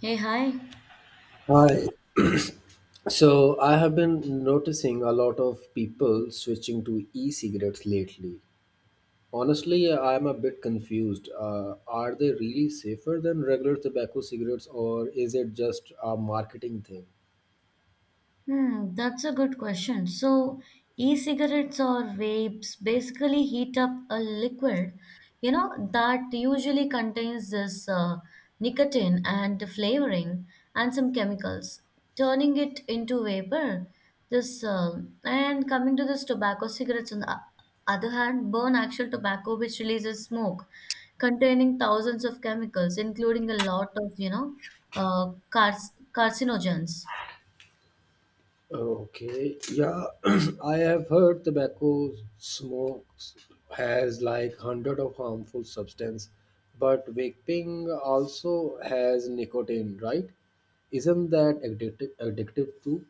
Hey, hi. Hi. So I have been noticing a lot of people switching to e-cigarettes lately. Honestly, I'm a bit confused. Are they really safer than regular tobacco cigarettes, or is it just a marketing thing? Hmm, that's a good question. So, e-cigarettes or vapes basically heat up a liquid, that usually contains this nicotine and the flavoring and some chemicals, turning it into vapor. This and Coming to this tobacco cigarettes on the other hand, burn actual tobacco which releases smoke containing thousands of chemicals, including a lot of, cars carcinogens. Okay, yeah, I have heard tobacco smokes has like hundred of harmful substance, but vaping also has nicotine, right? Isn't that addictive too?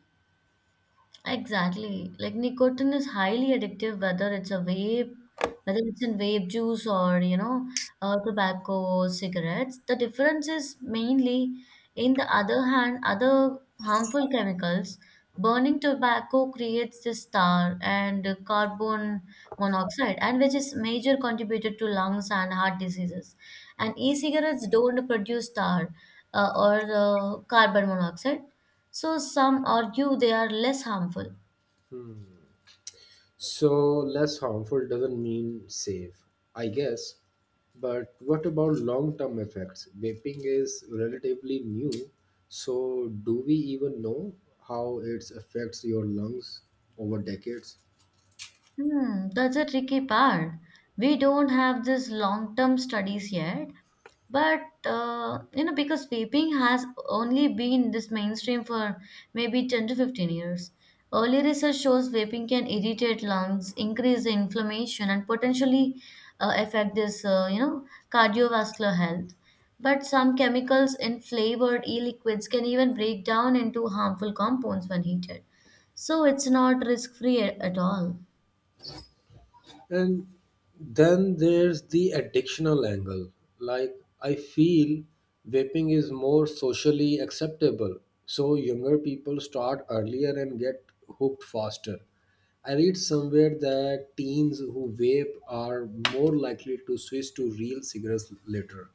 Exactly. Like nicotine is highly addictive, whether it's a vape, whether it's in vape juice or, tobacco, cigarettes. The difference is mainly in the other hand, other harmful chemicals. Burning tobacco creates this tar and carbon monoxide, and which is major contributor to lungs and heart diseases. And e-cigarettes don't produce tar or carbon monoxide. So some argue they are less harmful. So, less harmful doesn't mean safe, I guess. But what about long term effects? Vaping is relatively new, so do we even know how it affects your lungs over decades? Hmm, that's a tricky part. We don't have this long-term studies yet, but because vaping has only been this mainstream for maybe 10 to 15 years. Early research shows vaping can irritate lungs, increase the inflammation, and potentially affect this you know cardiovascular health. But some chemicals in flavored e-liquids can even break down into harmful compounds when heated. So it's not risk-free at all. And then there's the addictional angle. Like, I feel vaping is more socially acceptable. So, younger people start earlier and get hooked faster. I read somewhere that teens who vape are more likely to switch to real cigarettes later.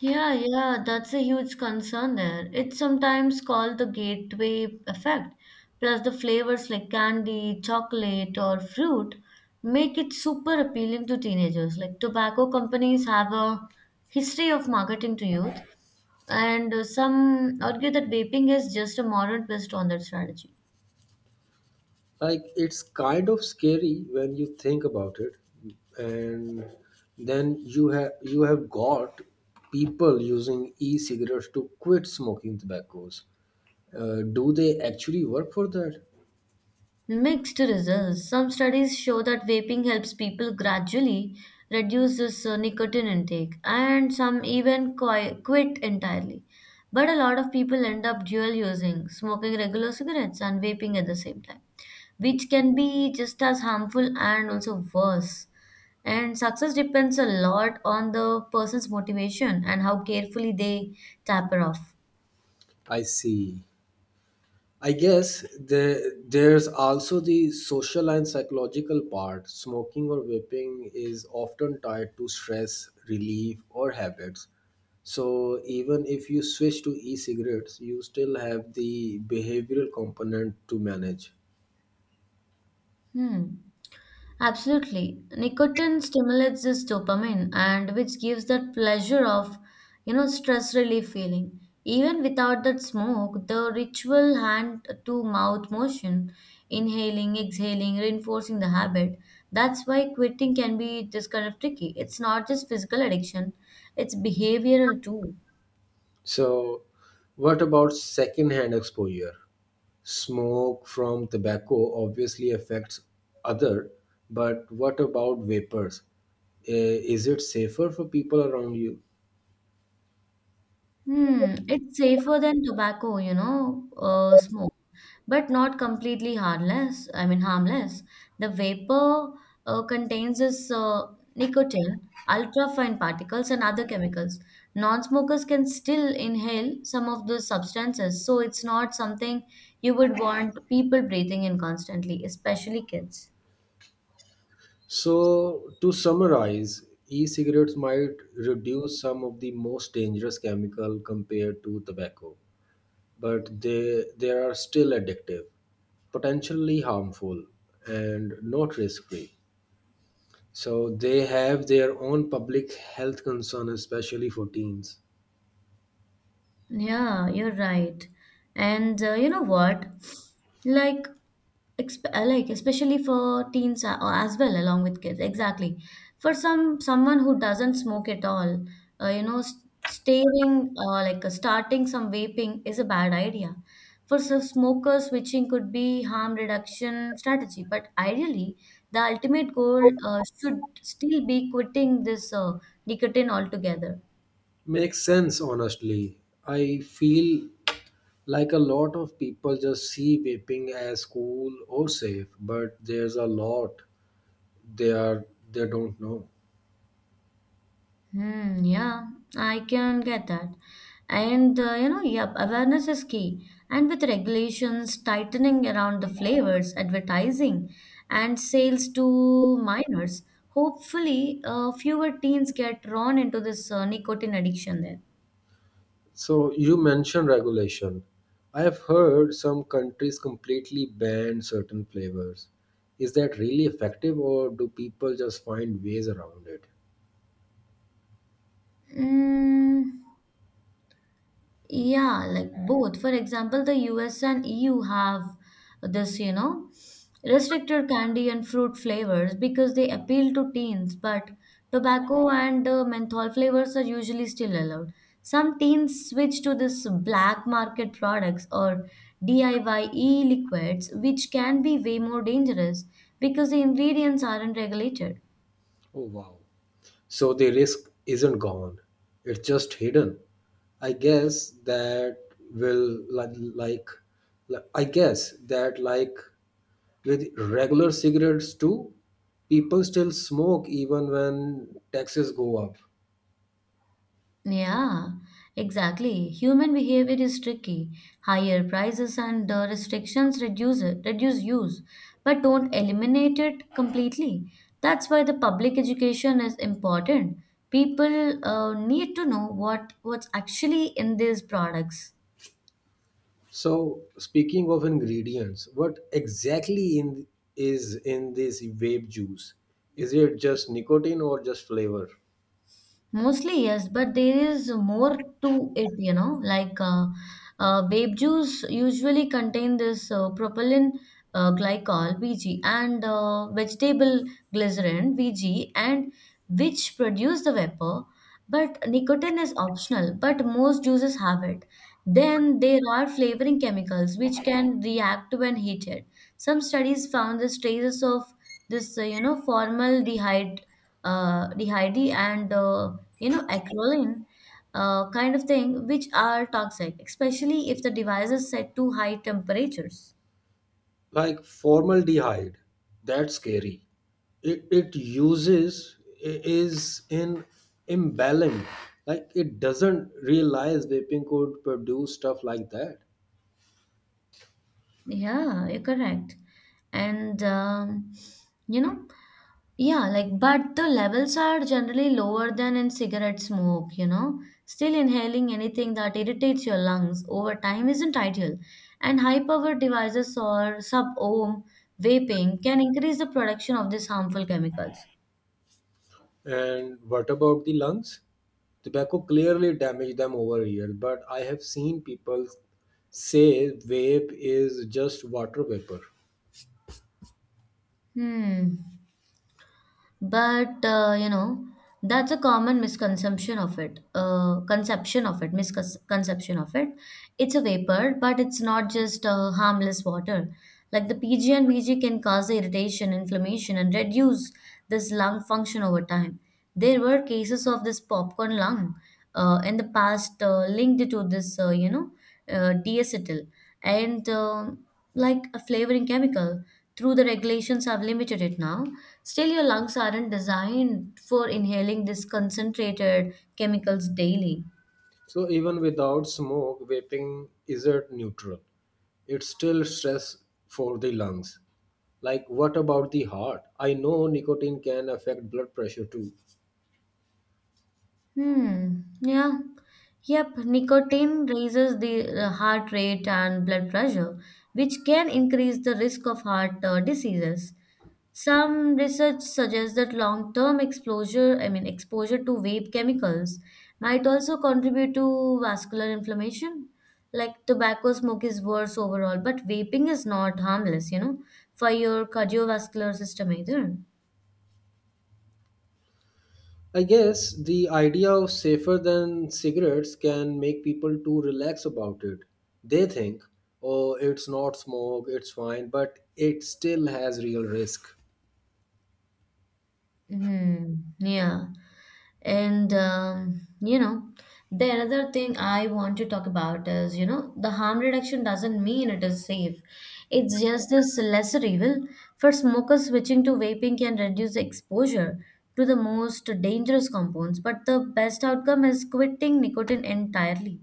Yeah, yeah, that's a huge concern there. It's sometimes called the gateway effect. Plus, the flavors like candy, chocolate, or fruit make it super appealing to teenagers. Like, tobacco companies have a history of marketing to youth, and some argue that vaping is just a modern twist on that strategy. Like it's kind of scary when you think about it, and then you have got people using e-cigarettes to quit smoking tobaccos. Do they actually work for that? Mixed results. Some studies show that vaping helps people gradually reduce this nicotine intake, and some even quit entirely. But a lot of people end up dual using, smoking regular cigarettes and vaping at the same time, which can be just as harmful and also worse. And success depends a lot on the person's motivation and how carefully they taper off. I see. I guess there's also the social and psychological part. Smoking or vaping is often tied to stress, relief, or habits. So even if you switch to e-cigarettes, you still have the behavioral component to manage. Hmm. Absolutely. Nicotine stimulates this dopamine and which gives that pleasure of, you know, stress relief feeling. Even without that smoke, the ritual hand to mouth motion, inhaling, exhaling, reinforcing the habit. That's why quitting can be this kind of tricky. It's not just physical addiction, it's behavioral too. So what about secondhand exposure? Smoke from tobacco obviously affects other, but what about vapors? Is it safer for people around you? Hmm, it's safer than tobacco, smoke, but not completely harmless. I mean, harmless. The vapor contains this nicotine, ultrafine particles, and other chemicals. Non-smokers can still inhale some of those substances, so it's not something you would want people breathing in constantly, especially kids. So, to summarize, e cigarettes might reduce some of the most dangerous chemical compared to tobacco, but they are still addictive, potentially harmful, and not risk free. So, they have their own public health concern, especially for teens. Yeah, you're right. And you know what? Like, exp like especially for teens or as well, along with kids. Exactly. For someone who doesn't smoke at all, you know, s- staring like starting some vaping is a bad idea. For some smokers, switching could be harm reduction strategy. But ideally, the ultimate goal should still be quitting this nicotine altogether. Makes sense, honestly. I feel like a lot of people just see vaping as cool or safe, but there's a lot they are they don't know. Hmm, yeah, I can get that. And you know, yep, awareness is key. And with regulations tightening around the flavors, advertising, and sales to minors, hopefully, fewer teens get drawn into this nicotine addiction there. So you mentioned regulation. I have heard some countries completely ban certain flavors. Is that really effective or do people just find ways around it? Mm, yeah, like both. For example, the US and EU have this, you know, restricted candy and fruit flavors because they appeal to teens, but tobacco and menthol flavors are usually still allowed. Some teens switch to this black market products or DIY e-liquids, which can be way more dangerous because the ingredients aren't regulated. Oh, wow. So the risk isn't gone. It's just hidden. I guess that will li- like li- I guess that like with regular cigarettes too, people still smoke even when taxes go up. Yeah, exactly. Human behavior is tricky. Higher prices and the restrictions reduce use, but don't eliminate it completely. That's why the public education is important. People need to know what's actually in these products. So, speaking of ingredients, what exactly in is in this vape juice? Is it just nicotine or just flavor? Mostly, yes, but there is more to it, you know. Vape juice usually contain this propylene glycol (VG) and vegetable glycerin (VG) and which produce the vapor. But nicotine is optional, but most juices have it. Then there are flavoring chemicals which can react when heated. Some studies found the traces of formaldehyde, dehyde and you know, acrolein, kind of thing, which are toxic, especially if the device is set to high temperatures. Like formaldehyde, that's scary. It uses is in imbalance. Like it doesn't realize vaping could produce stuff like that. Yeah, you're correct. And you know, yeah, like, but the levels are generally lower than in cigarette smoke, you know. Still, inhaling anything that irritates your lungs over time isn't ideal. And high powered devices or sub ohm vaping can increase the production of these harmful chemicals. And what about the lungs? Tobacco clearly damaged them over here, but I have seen people say vape is just water vapor. Hmm, but that's a common misconception of it. It's a vapor but it's not just harmless water. Like the PG and VG can cause irritation inflammation and reduce this lung function over time. There were cases of this popcorn lung in the past linked to this you know diacetyl and like a flavoring chemical, through the regulations have limited it now. Still, your lungs aren't designed for inhaling this concentrated chemicals daily. So even without smoke, vaping isn't neutral. It's still stress for the lungs. Like what about the heart? I know nicotine can affect blood pressure too. Hmm. Yeah. Yep. Nicotine raises the heart rate and blood pressure, which can increase the risk of heart diseases. Some research suggests that I mean exposure to vape chemicals might also contribute to vascular inflammation. Like tobacco smoke is worse overall, but vaping is not harmless, you know, for your cardiovascular system either. I guess the idea of safer than cigarettes can make people too relaxed about it. They think, oh, it's not smoke, it's fine, but it still has real risk. Hmm, yeah. And you know, the another thing I want to talk about is, you know, the harm reduction doesn't mean it is safe. It's just this lesser evil. For smokers, switching to vaping can reduce exposure to the most dangerous compounds, but the best outcome is quitting nicotine entirely.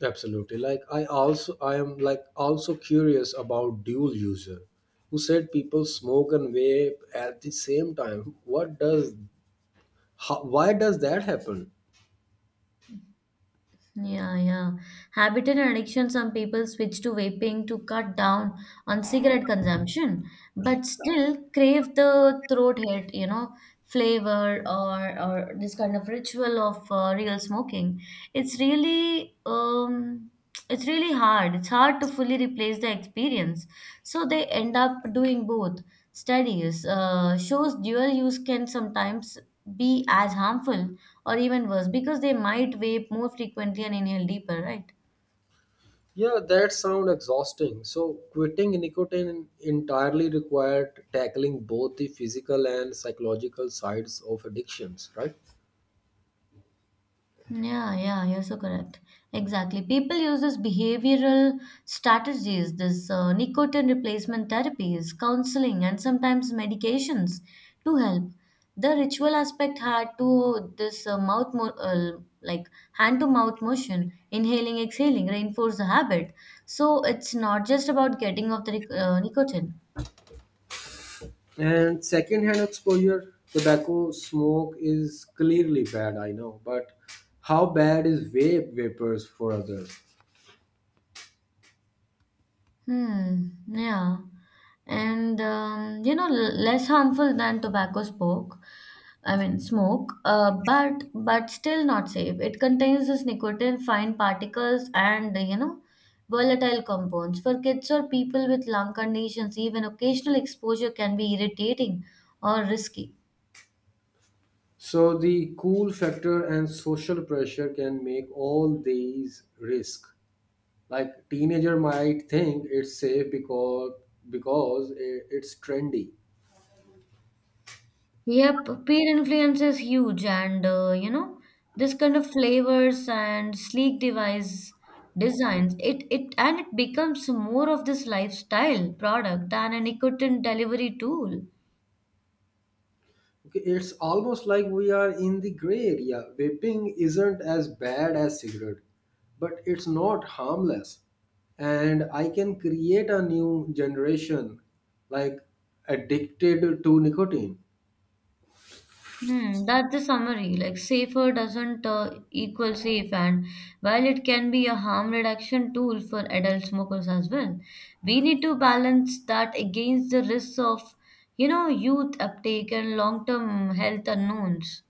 Absolutely. Like I am like also curious about dual user who said people smoke and vape at the same time. What does how, why does that happen? Yeah, yeah. Habit and addiction. Some people switch to vaping to cut down on cigarette consumption, but still crave the throat hit, you know, flavor or this kind of ritual of real smoking. It's really um, it's really hard. It's hard to fully replace the experience. So they end up doing both. Studies shows dual use can sometimes be as harmful or even worse because they might vape more frequently and inhale deeper right Yeah, that sound exhausting. So quitting nicotine entirely required tackling both the physical and psychological sides of addictions, right? Yeah, yeah, you're so correct. Exactly. People use this behavioral strategies, this nicotine replacement therapies, counseling, and sometimes medications to help. The ritual aspect had to this mouth, mo- like hand to mouth motion, inhaling, exhaling, reinforce the habit. So it's not just about getting off the nic- nicotine. And secondhand exposure, tobacco smoke is clearly bad, I know, but how bad is vape vapors for others? Hmm, yeah. And less harmful than tobacco smoke. I mean, smoke, but still not safe. It contains this nicotine, fine particles, and you know, volatile compounds. For kids or people with lung conditions, even occasional exposure can be irritating or risky. So the cool factor and social pressure can make all these risk. Like teenager might think it's safe because it's trendy. Yep, peer influence is huge, and this kind of flavors and sleek device designs. It and it becomes more of this lifestyle product than a nicotine delivery tool. Okay, it's almost like we are in the gray area. Vaping isn't as bad as cigarette, but it's not harmless. And I can create a new generation like addicted to nicotine. Hmm, that's the summary. Like safer doesn't equal safe, and while it can be a harm reduction tool for adult smokers as well, we need to balance that against the risks of, you know, youth uptake and long-term health unknowns.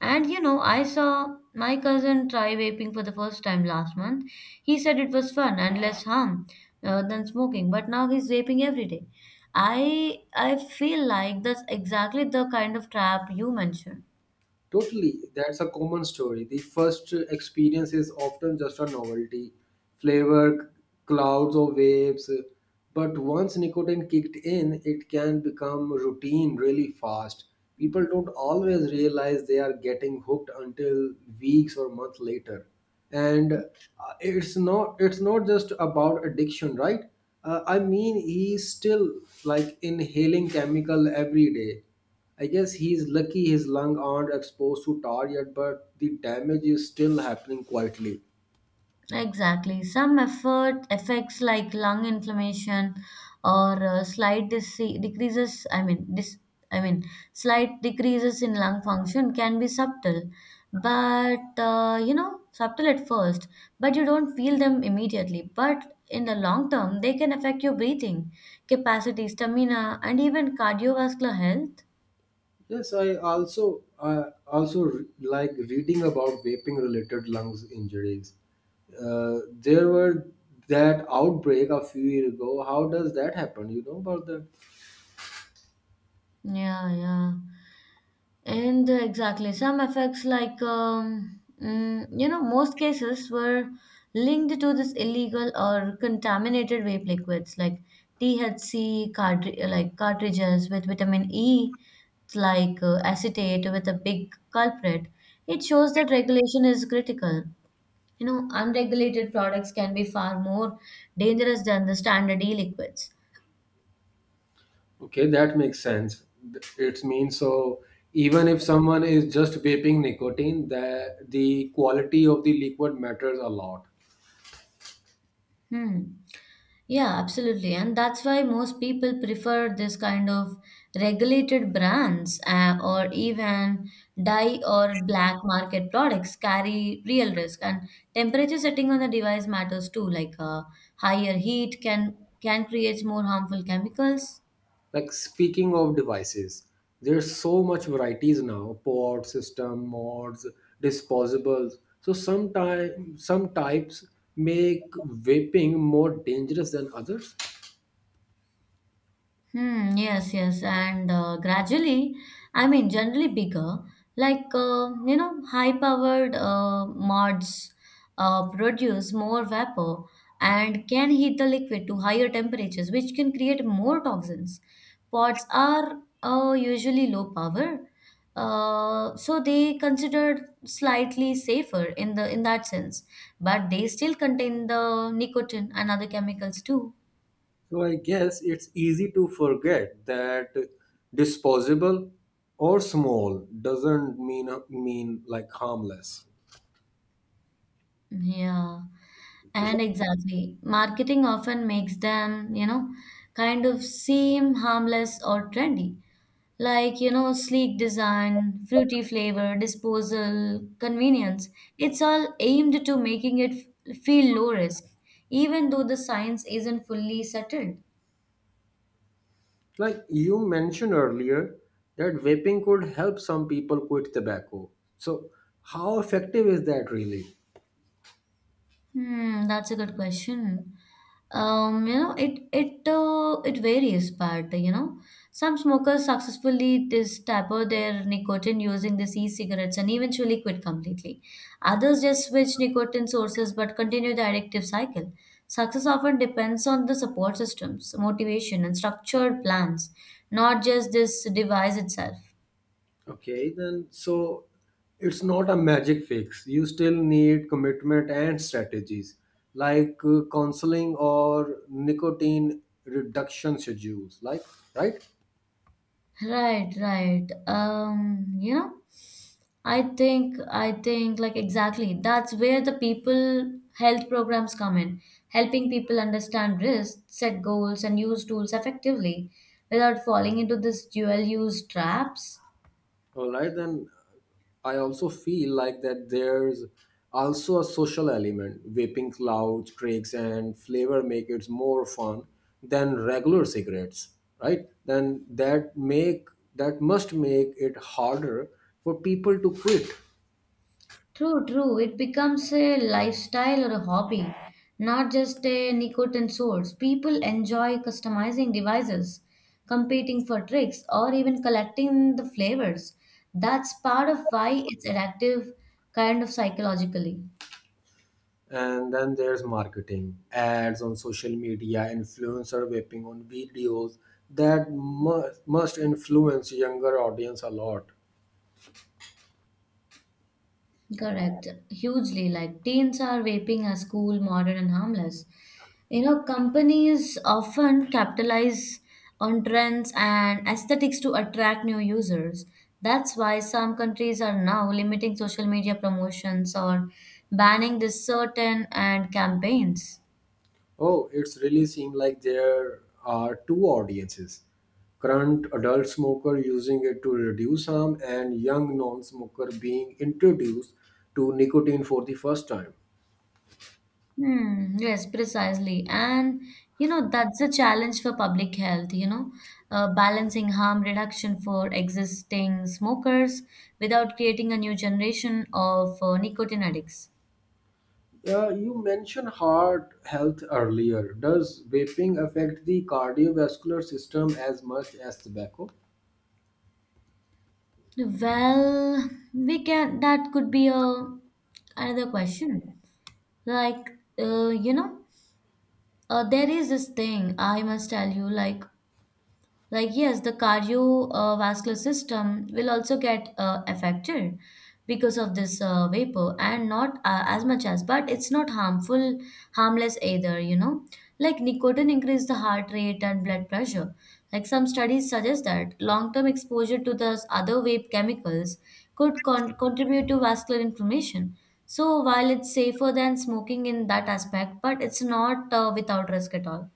And you know, I saw my cousin try vaping for the first time last month. He said it was fun and less harm than smoking, but now he's vaping every day. I feel like that's exactly the kind of trap you mentioned. Totally, that's a common story. The first experience is often just a novelty, flavor, clouds, or waves. But once nicotine kicked in, it can become routine really fast. People don't always realize they are getting hooked until weeks or months later. And it's not just about addiction, right? I mean, he's still like inhaling chemical every day. I guess he's lucky his lungs aren't exposed to tar yet, but the damage is still happening quietly. Exactly. Some effort effects like lung inflammation or slight dise- decreases, I mean, dis- I mean, slight decreases in lung function can be subtle, but subtle at first, but you don't feel them immediately. But in the long term, they can affect your breathing capacity, stamina, and even cardiovascular health. Yes, like reading about vaping related lungs injuries. There were that outbreak a few years ago. How does that happen? You know about that? Yeah, yeah. And exactly, some effects like most cases were linked to this illegal or contaminated vape liquids like THC like cartridges with vitamin E, it's like acetate with a big culprit. It shows that regulation is critical. You know, unregulated products can be far more dangerous than the standard e-liquids. Okay, that makes sense. It means so even if someone is just vaping nicotine, the quality of the liquid matters a lot. Hmm. Yeah, absolutely. And that's why most people prefer this kind of regulated brands or even dye or black market products carry real risk. And temperature setting on the device matters too, like higher heat can create more harmful chemicals. Like speaking of devices, there's so much varieties now: pod, system, mods, disposables. So some types make vaping more dangerous than others. Hmm, yes, yes, and generally bigger, like high-powered mods produce more vapor and can heat the liquid to higher temperatures, which can create more toxins. Pods are usually low power, so they considered slightly safer in the in that sense, but they still contain the nicotine and other chemicals too. So I guess it's easy to forget that disposable or small doesn't mean like harmless. Yeah, and exactly. Marketing often makes them, you know, kind of seem harmless or trendy. Like, you know, sleek design, fruity flavor, disposal, convenience. It's all aimed to making it feel low risk, even though the science isn't fully settled. Like you mentioned earlier, that vaping could help some people quit tobacco. So how effective is that really? Hmm, that's a good question. You know, it it varies, but you know, some smokers successfully dis taper their nicotine using these e-cigarettes and eventually quit completely. Others just switch nicotine sources but continue the addictive cycle. Success often depends on the support systems, motivation, and structured plans, not just this device itself. Okay, then so it's not a magic fix. You still need commitment and strategies like counseling or nicotine reduction schedules. Like, right? Right, right. I think like exactly. That's where the people health programs come in, helping people understand risk, set goals, and use tools effectively without falling into this dual use traps. All right, then I also feel like that there's also a social element. Vaping clouds, tricks, and flavor make it more fun than regular cigarettes, right? Then that must make it harder for people to quit. True, true. It becomes a lifestyle or a hobby, not just a nicotine source. People enjoy customizing devices, competing for tricks, or even collecting the flavors. That's part of why it's addictive, kind of psychologically. And then there's marketing, ads on social media, influencer whipping on videos that must influence younger audience a lot. Correct. Hugely. Like teens are vaping as cool, modern, and harmless. You know, companies often capitalize on trends and aesthetics to attract new users. That's why some countries are now limiting social media promotions or banning this certain and campaigns. Oh, it's really seemed like there are two audiences. Current adult smoker using it to reduce harm and young non-smoker being introduced to nicotine for the first time. Hmm, yes, precisely. And you know, that's a challenge for public health, you know, balancing harm reduction for existing smokers without creating a new generation of nicotine addicts. Yeah, you mentioned heart health earlier. Does vaping affect the cardiovascular system as much as tobacco? Well, we can, that could be a another question. Like, uh, you know, there is this thing I must tell you, like yes, the cardiovascular system will also get affected because of this vapor and not as much as, but it's not harmful, harmless either, you know. Like, nicotine increase the heart rate and blood pressure. Like, some studies suggest that long term exposure to those other vape chemicals could contribute to vascular inflammation. So, while it's safer than smoking in that aspect, but it's not without risk at all.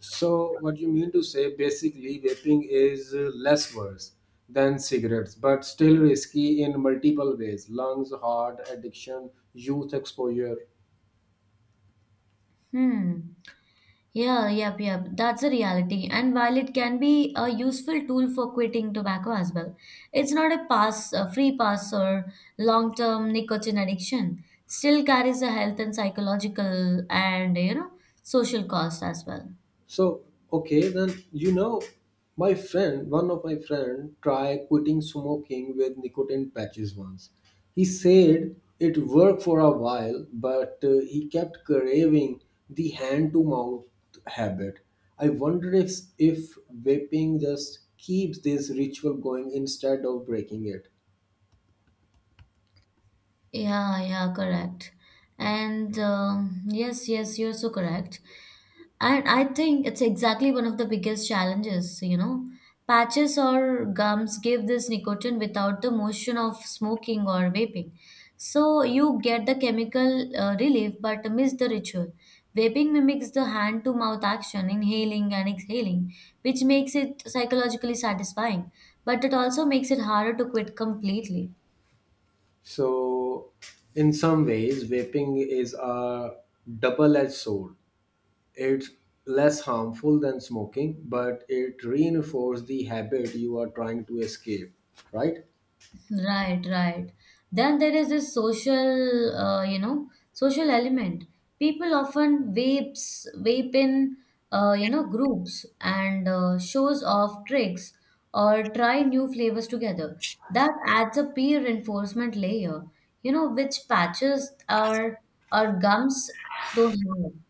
So, what you mean to say basically, vaping is less worse than cigarettes, but still risky in multiple ways lungs, heart, addiction, youth exposure. Hmm. Yeah, yep, yep. That's a reality. And while it can be a useful tool for quitting tobacco as well, it's not a pass, a free pass or long-term nicotine addiction. Still carries a health and psychological and you know social cost as well. So okay, then my friend, one of my friend, tried quitting smoking with nicotine patches once. He said it worked for a while, but he kept craving the hand-to-mouth habit. I wonder if vaping just keeps this ritual going instead of breaking it. Yeah, yeah, correct. And yes, yes, you're so correct. And I think it's exactly one of the biggest challenges, you know. Patches or gums give this nicotine without the motion of smoking or vaping. So you get the chemical relief but miss the ritual. Vaping mimics the hand to mouth action, inhaling and exhaling, which makes it psychologically satisfying, but it also makes it harder to quit completely. So, in some ways, vaping is a double-edged sword. It's less harmful than smoking, but it reinforces the habit you are trying to escape, right? Right, right. Then there is this social, social element. People often vape in, groups and shows off tricks or try new flavors together. That adds a peer reinforcement layer, you know, which patches our gums don't have.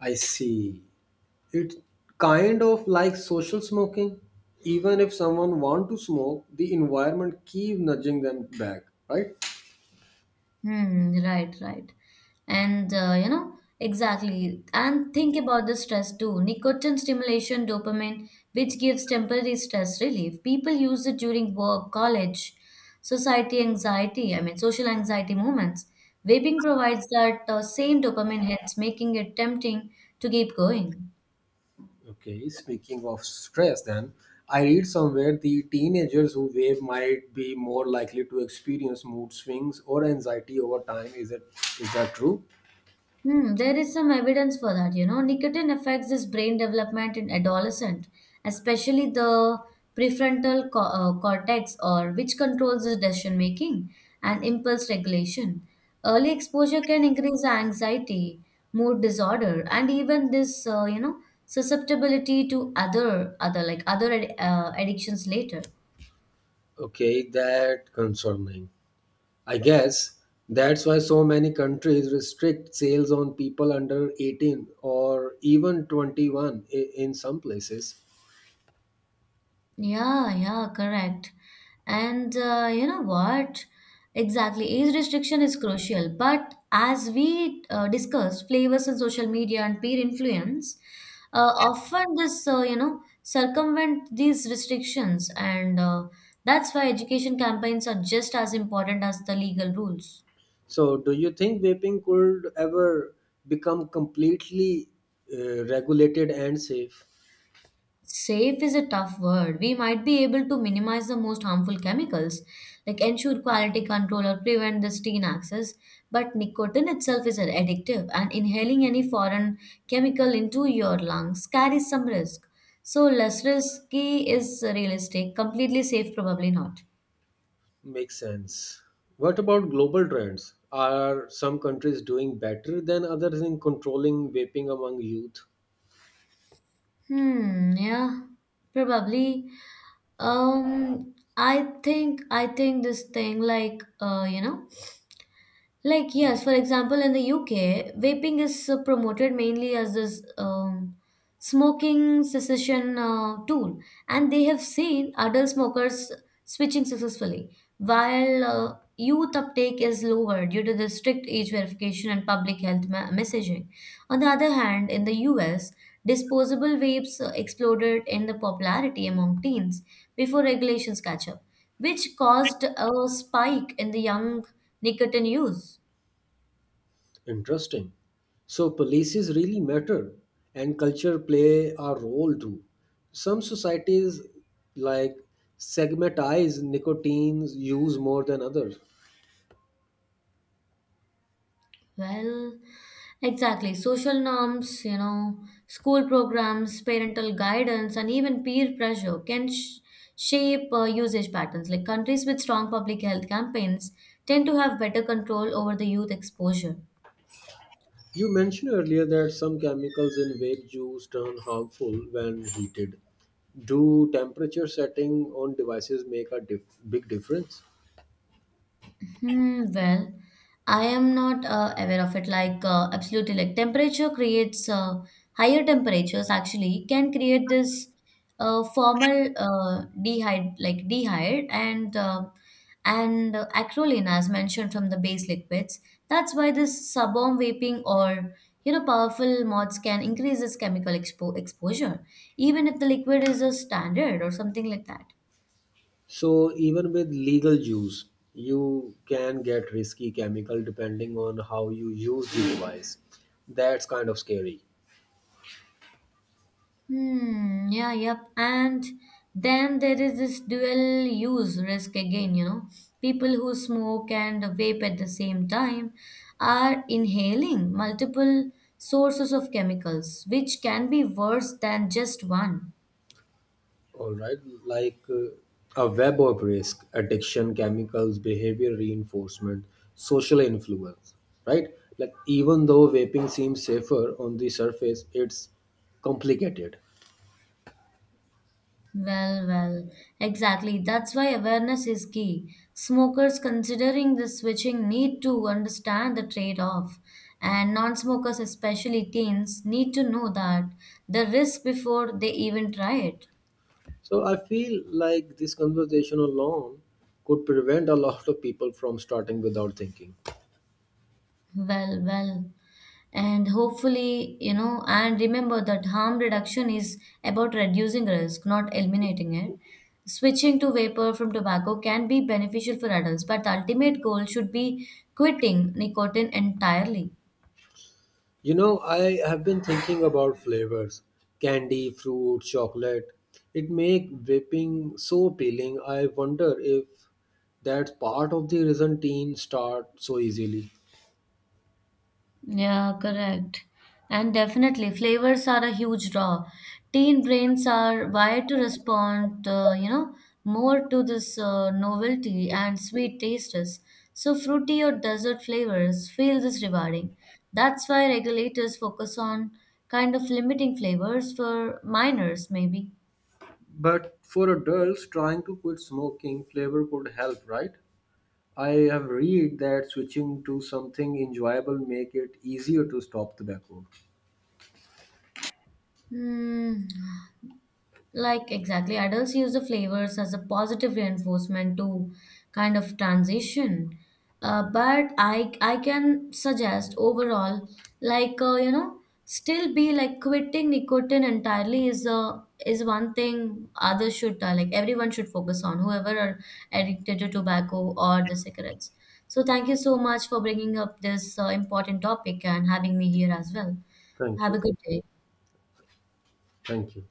I see. It's kind of like social smoking. Even if someone want to smoke, the environment keep nudging them back, right? Hmm, right, right. And you know, exactly. And think about the stress too. Nicotine stimulation dopamine, which gives temporary stress relief. People use it during work, college, society anxiety, I mean, social anxiety moments. Vaping provides that same dopamine hits, making it tempting to keep going. Okay, speaking of stress, then I read somewhere the teenagers who vape might be more likely to experience mood swings or anxiety over time. Is that true? Hmm, there is some evidence for that, you know. Nicotine affects this brain development in adolescent, especially the prefrontal cortex or which controls the decision making and impulse regulation. Early exposure can increase anxiety, mood disorder, and even this, susceptibility to other like other addictions later. Okay, that concerning. I guess that's why so many countries restrict sales on people under 18 or even 21 in some places. Yeah, yeah, correct. And you know what? Exactly, age restriction is crucial. But as we discussed, flavors on social media and peer influence often this circumvent these restrictions, and that's why education campaigns are just as important as the legal rules. So, do you think vaping could ever become completely regulated and safe? Safe is a tough word. We might be able to minimize the most harmful chemicals, like ensure quality control or prevent the steen access, but nicotine itself is addictive, and inhaling any foreign chemical into your lungs carries some risk. So, less risky is realistic, completely safe, probably not. Makes sense. What about global trends? Are some countries doing better than others in controlling vaping among youth? Hmm, yeah, probably. I think this thing like yes, for example, in the UK, vaping is promoted mainly as this smoking cessation tool, and they have seen adult smokers switching successfully, while youth uptake is lower due to the strict age verification and public health messaging. On the other hand, in the US, disposable vapes exploded in the popularity among teens before regulations catch up, which caused a spike in the young nicotine use. Interesting. So policies really matter and culture play a role too. Some societies like segmentize nicotine's use more than others. Well, exactly. Social norms, you know, school programs, parental guidance, and even peer pressure can shape usage patterns. Like countries with strong public health campaigns tend to have better control over the youth exposure. You mentioned earlier that some chemicals in vape juice turn harmful when heated. Do temperature setting on devices make a big difference? Hmm, well, I am not aware of it. Like, absolutely, like temperature creates higher temperatures actually can create this formal dehyde, like dehyde, and acrolein, as mentioned from the base liquids. That's why this suborm vaping or you know powerful mods can increase this chemical exposure, even if the liquid is a standard or something like that. So even with legal juice, you can get risky chemical depending on how you use the device. That's kind of scary. Hmm, yeah, yep. And then there is this dual use risk again, you know. People who smoke and vape at the same time are inhaling multiple sources of chemicals, which can be worse than just one. All right, like a web of risk, addiction, chemicals, behavior reinforcement, social influence. Right, like even though vaping seems safer on the surface, it's complicated. Well, well, exactly. That's why awareness is key. Smokers considering the switching need to understand the trade-off, and non-smokers, especially teens, need to know that the risk before they even try it. So I feel like this conversation alone could prevent a lot of people from starting without thinking. Well, well. And hopefully you know and remember that harm reduction is about reducing risk not eliminating it. Switching to vapor from tobacco can be beneficial for adults but the ultimate goal should be quitting nicotine entirely. You know, I have been thinking about flavors candy, fruit, chocolate. It make vaping so appealing. I wonder if that's part of the reason teens start so easily. Yeah, correct. And definitely, flavors are a huge draw. Teen brains are wired to respond, you know, more to this novelty and sweet tastes. So, fruity or dessert flavors feel this rewarding. That's why regulators focus on kind of limiting flavors for minors, maybe. But for adults trying to quit smoking, flavor could help, right? I have read that switching to something enjoyable make it easier to stop tobacco. Hmm. Like, exactly, adults use the flavors as a positive reinforcement to kind of transition. But I can suggest overall, like uh, you know, still be like quitting nicotine entirely is a is one thing others should like everyone should focus on whoever are addicted to tobacco or the cigarettes. So thank you so much for bringing up this important topic and having me here as well. Thank Have a you. good day. Thank you.